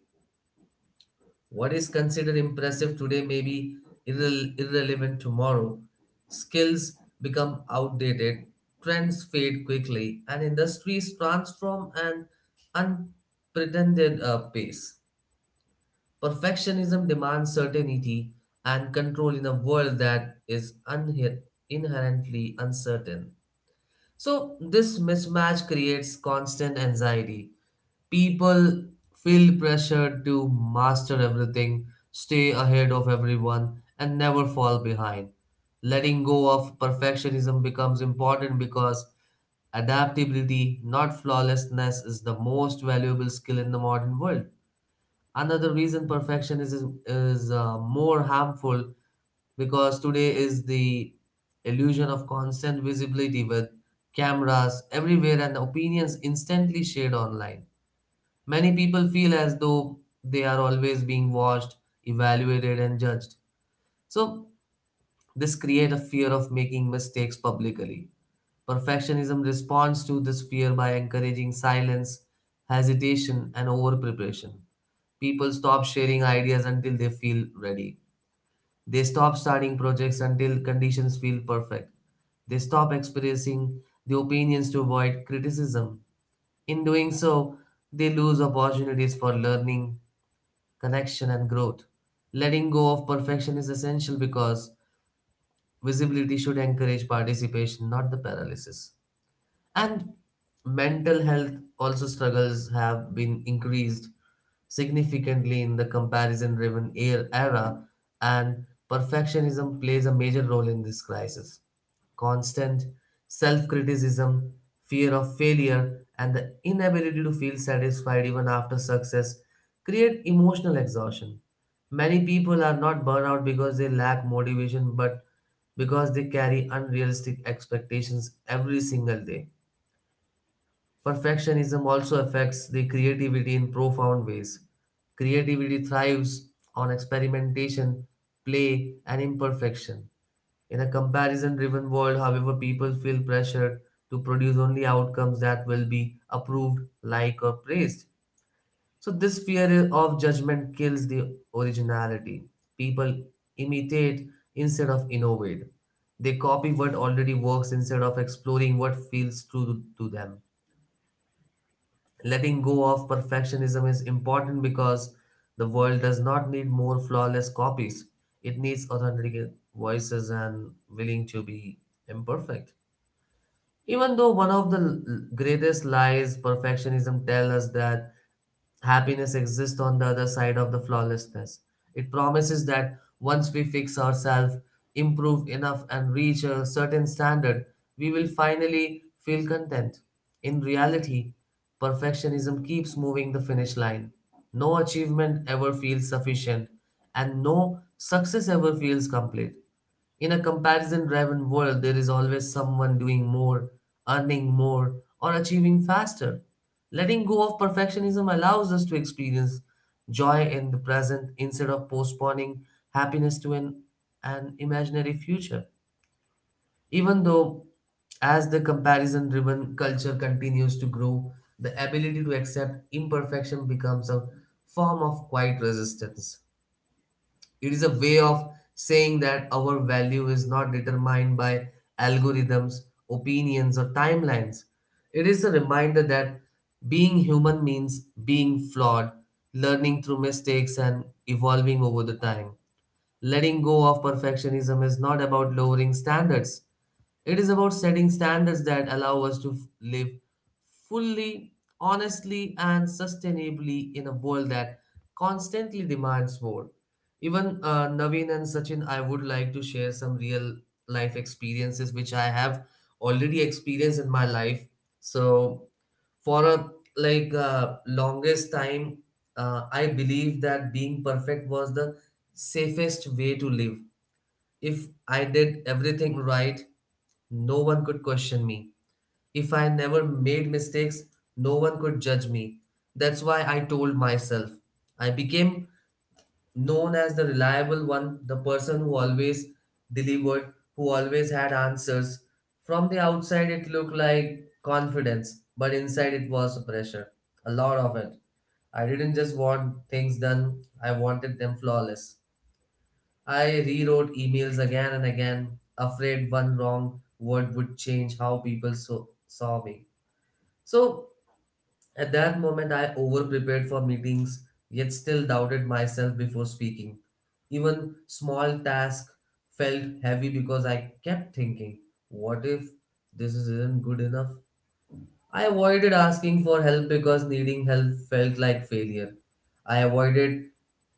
What is considered impressive today may be irrelevant tomorrow. Skills become outdated, trends fade quickly, and industries transform an unprecedented pace. Perfectionism demands certainty and control in a world that is inherently uncertain. So, this mismatch creates constant anxiety. People feel pressured to master everything, stay ahead of everyone, and never fall behind. Letting go of perfectionism becomes important because adaptability, not flawlessness, is the most valuable skill in the modern world. Another reason perfectionism is more harmful because today is the illusion of constant visibility with cameras everywhere and opinions instantly shared online. Many people feel as though they are always being watched, evaluated, and judged. So, this creates a fear of making mistakes publicly. Perfectionism responds to this fear by encouraging silence, hesitation, and over preparation. People stop sharing ideas until they feel ready. They stop starting projects until conditions feel perfect. They stop expressing the opinions to avoid criticism. In doing so, they lose opportunities for learning, connection, and growth. Letting go of perfection is essential because visibility should encourage participation, not the paralysis. And mental health also struggles have been increased significantly in the comparison driven era, and perfectionism plays a major role in this crisis. Constant self criticism, fear of failure, and the inability to feel satisfied even after success create emotional exhaustion. Many people are not burnout because they lack motivation, but because they carry unrealistic expectations every single day. Perfectionism also affects the creativity in profound ways. Creativity thrives on experimentation, play, and imperfection. In a comparison driven world, however, people feel pressured to produce only outcomes that will be approved, liked, or praised. So, this fear of judgment kills the originality. People imitate instead of innovate. They copy what already works instead of exploring what feels true to them. Letting go of perfectionism is important because the world does not need more flawless copies. It needs authentic voices and willing to be imperfect. Even though one of the greatest lies perfectionism tells us that happiness exists on the other side of the flawlessness. It promises that once we fix ourselves, improve enough, and reach a certain standard, we will finally feel content. In reality, perfectionism keeps moving the finish line. No achievement ever feels sufficient, and no success ever feels complete. In a comparison driven world, there is always someone doing more, earning more, or achieving faster. Letting go of perfectionism allows us to experience joy in the present instead of postponing happiness to an imaginary future. Even though, as the comparison driven culture continues to grow, the ability to accept imperfection becomes a form of quiet resistance. It is a way of saying that our value is not determined by algorithms, opinions, or timelines. It is a reminder that being human means being flawed, learning through mistakes, and evolving over the time. Letting go of perfectionism is not about lowering standards, it is about setting standards that allow us to live fully, honestly, and sustainably in a world that constantly demands more. Even Naveen and Sachin, I would like to share some real life experiences which I have already experienced in my life. So, for a longest time, I believe that being perfect was the safest way to live if I did everything right, no one could question me. If I never made mistakes, no one could judge me. That's why I told myself. I became known as the reliable one, the person who always delivered, who always had answers. From the outside, it looked like confidence, but inside, it was pressure. A lot of it. I didn't just want things done, I wanted them flawless. I rewrote emails again and again, afraid one wrong word would change how people saw me. So at that moment, I over prepared for meetings, yet still doubted myself before speaking. Even small tasks felt heavy because I kept thinking, what if this isn't good enough? I avoided asking for help because needing help felt like failure. I avoided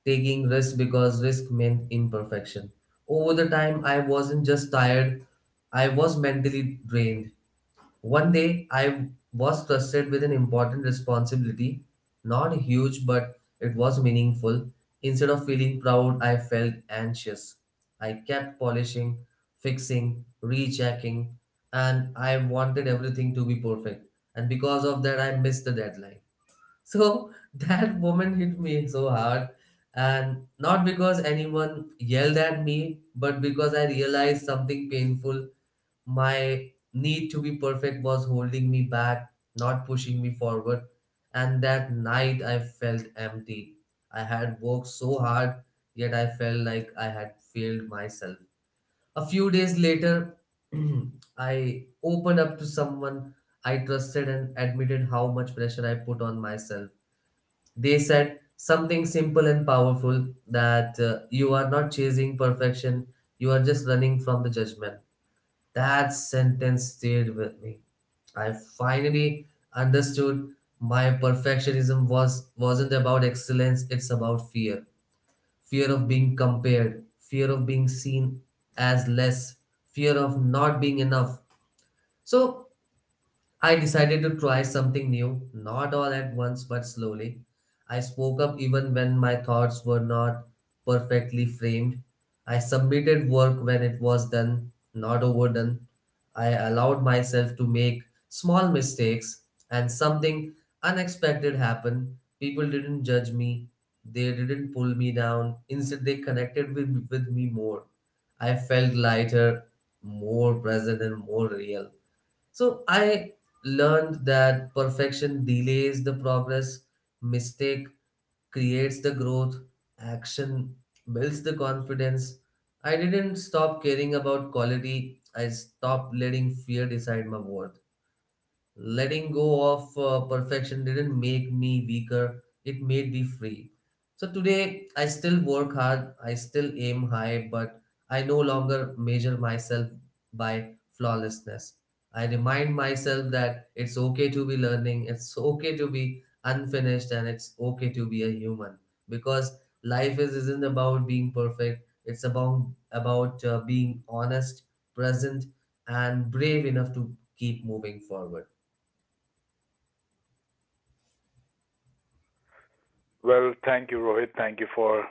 taking risks because risk meant imperfection. Over the time, I wasn't just tired, I was mentally drained. One day I was trusted with an important responsibility, not huge, but it was meaningful. Instead of feeling proud, I felt anxious. I kept polishing, fixing, rechecking, and I wanted everything to be perfect. And because of that, I missed the deadline. So that moment hit me so hard. And not because anyone yelled at me, but because I realized something painful. My need to be perfect was holding me back, not pushing me forward. And that night I felt empty. I had worked so hard, yet I felt like I had failed myself. A few days later, I opened up to someone I trusted and admitted how much pressure I put on myself. They said something simple and powerful, that you are not chasing perfection, you are just running from the judgment. That sentence stayed with me. I finally understood my perfectionism wasn't about excellence, it's about fear. Fear of being compared, fear of being seen as less, fear of not being enough. So I decided to try something new, not all at once but slowly. I spoke up even when my thoughts were not perfectly framed. I submitted work when it was done, not overdone. I allowed myself to make small mistakes, and something unexpected happened. People didn't judge me, they didn't pull me down. Instead, they connected with me more. I felt lighter, more present, and more real. So I learned that perfection delays the progress, mistake creates the growth, action builds the confidence. I didn't stop caring about quality, I stopped letting fear decide my worth. Letting go of perfection didn't make me weaker, it made me free. So today I still work hard, I still aim high, but I no longer measure myself by flawlessness. I remind myself that it's okay to be learning, it's okay to be unfinished, and it's okay to be a human, because life is isn't about being perfect, it's about being honest, present, and brave enough to keep moving forward. Well, thank you, Rohit. Thank you for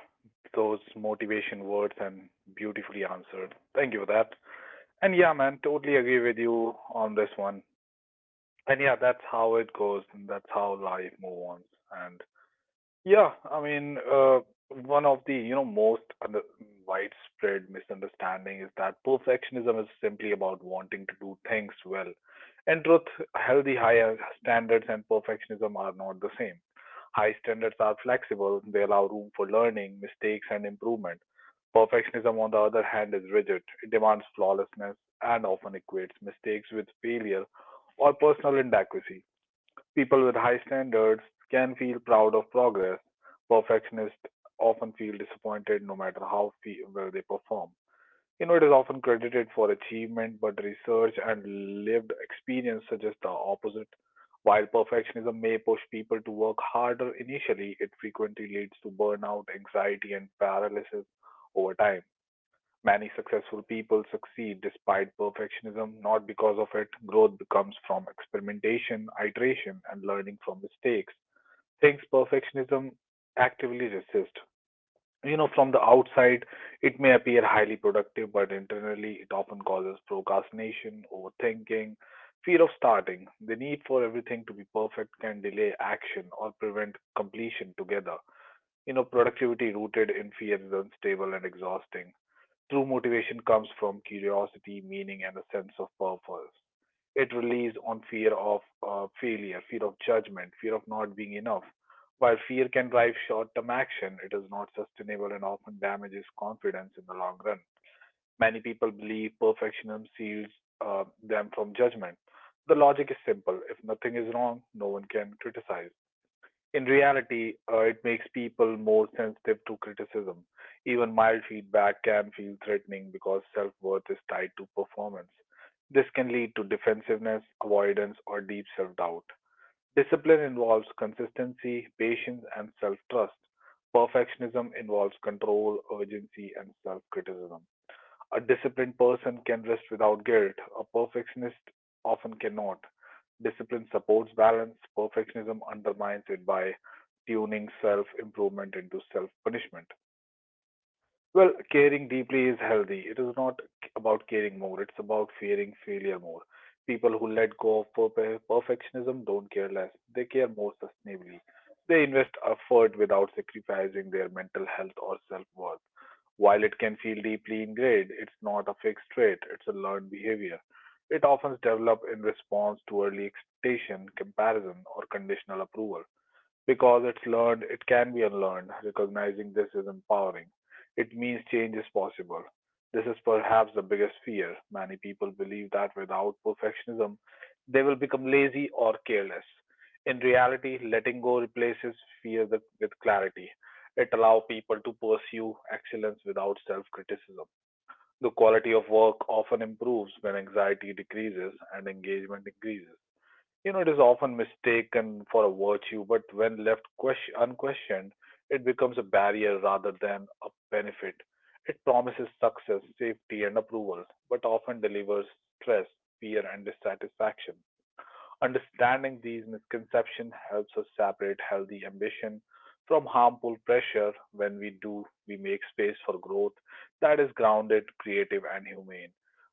those motivation words and beautifully answered. Thank you for that. And yeah, man, totally agree with you on this one. And yeah, that's how it goes and that's how life moves on. And yeah, I mean, one of the, you know, most under widespread misunderstanding is that perfectionism is simply about wanting to do things well. In truth, healthy higher standards and perfectionism are not the same. High standards are flexible, they allow room for learning, mistakes, and improvement. Perfectionism, on the other hand, is rigid. It demands flawlessness and often equates mistakes with failure or personal inadequacy. People with high standards can feel proud of progress; perfectionists often feel disappointed no matter how well they perform. You know, it is often credited for achievement, but research and lived experience suggest the opposite. While perfectionism may push people to work harder initially, it frequently leads to burnout, anxiety, and paralysis over time. Many successful people succeed despite perfectionism, not because of it. Growth becomes from experimentation, iteration, and learning from mistakes. Things perfectionism actively resist. You know, from the outside, it may appear highly productive, but internally, it often causes procrastination, overthinking, fear of starting. The need for everything to be perfect can delay action or prevent completion together. You know, productivity rooted in fear is unstable and exhausting. True motivation comes from curiosity, meaning, and a sense of purpose. It relies on fear of failure, fear of judgment, fear of not being enough. While fear can drive short term action, it is not sustainable and often damages confidence in the long run. Many people believe perfectionism shields them from judgment. The logic is simple if nothing is wrong, no one can criticize. In reality, it makes people more sensitive to criticism. Even mild feedback can feel threatening because self worth is tied to performance. This can lead to defensiveness, avoidance, or deep self doubt. Discipline involves consistency, patience, and self trust. Perfectionism involves control, urgency, and self criticism. A disciplined person can rest without guilt; a perfectionist often cannot. Discipline supports balance, perfectionism undermines it by tuning self improvement into self punishment. Well, caring deeply is healthy. It is not about caring more, it's about fearing failure more. People who let go of perfectionism don't care less, they care more sustainably. They invest effort without sacrificing their mental health or self worth. While it can feel deeply ingrained, it's not a fixed trait, it's a learned behavior. It often develops in response to early expectation, comparison, or conditional approval. Because it's learned, it can be unlearned. Recognizing this is empowering. It means change is possible. This is perhaps the biggest fear. Many people believe that without perfectionism, they will become lazy or careless. In reality, letting go replaces fear with clarity. It allows people to pursue excellence without self criticism. The quality of work often improves when anxiety decreases and engagement increases. You know, it is often mistaken for a virtue, but when left question, unquestioned, it becomes a barrier rather than a benefit. It promises success, safety, and approval, but often delivers stress, fear, and dissatisfaction. Understanding these misconceptions helps us separate healthy ambition from harmful pressure. When we do, we make space for growth that is grounded, creative, and humane.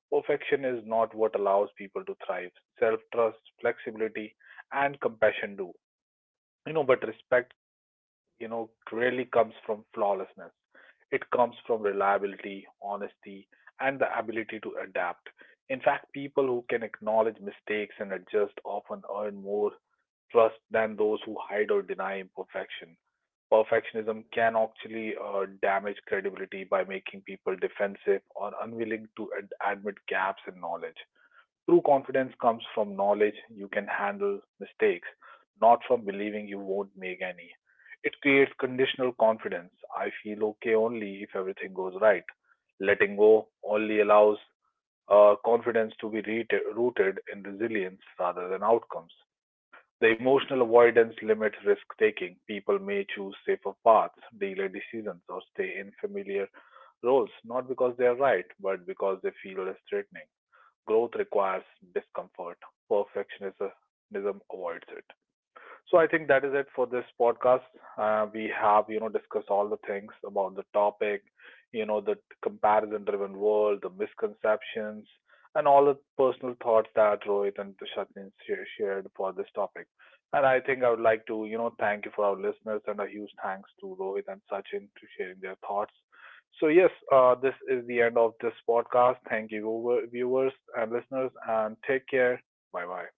Perfection is not what allows people to thrive. Self trust, flexibility, and compassion do. You know, but respect, you know, really comes from flawlessness. It comes from reliability, honesty, and the ability to adapt. In fact, people who can acknowledge mistakes and adjust often earn more trust than those who hide or deny imperfection. Perfectionism can actually damage credibility by making people defensive or unwilling to admit gaps in knowledge. True confidence comes from knowledge you can handle mistakes, not from believing you won't make any. It creates conditional confidence. I feel okay only if everything goes right. Letting go only allows confidence to be rooted in resilience rather than outcomes. The emotional avoidance limits risk taking. People may choose safer paths, delay decisions, or stay in familiar roles, not because they are right, but because they feel less threatening. Growth requires discomfort; perfectionism avoids it. So I think that is it for this podcast. We have, you know, discussed all the things about the topic, you know, the comparison-driven world, the misconceptions, and all the personal thoughts that Rohit and Sachin shared for this topic. And I think I would like to, you know, thank you for our listeners and a huge thanks to Rohit and Sachin for sharing their thoughts. So yes, this is the end of this podcast. Thank you, viewers and listeners, and take care. Bye bye.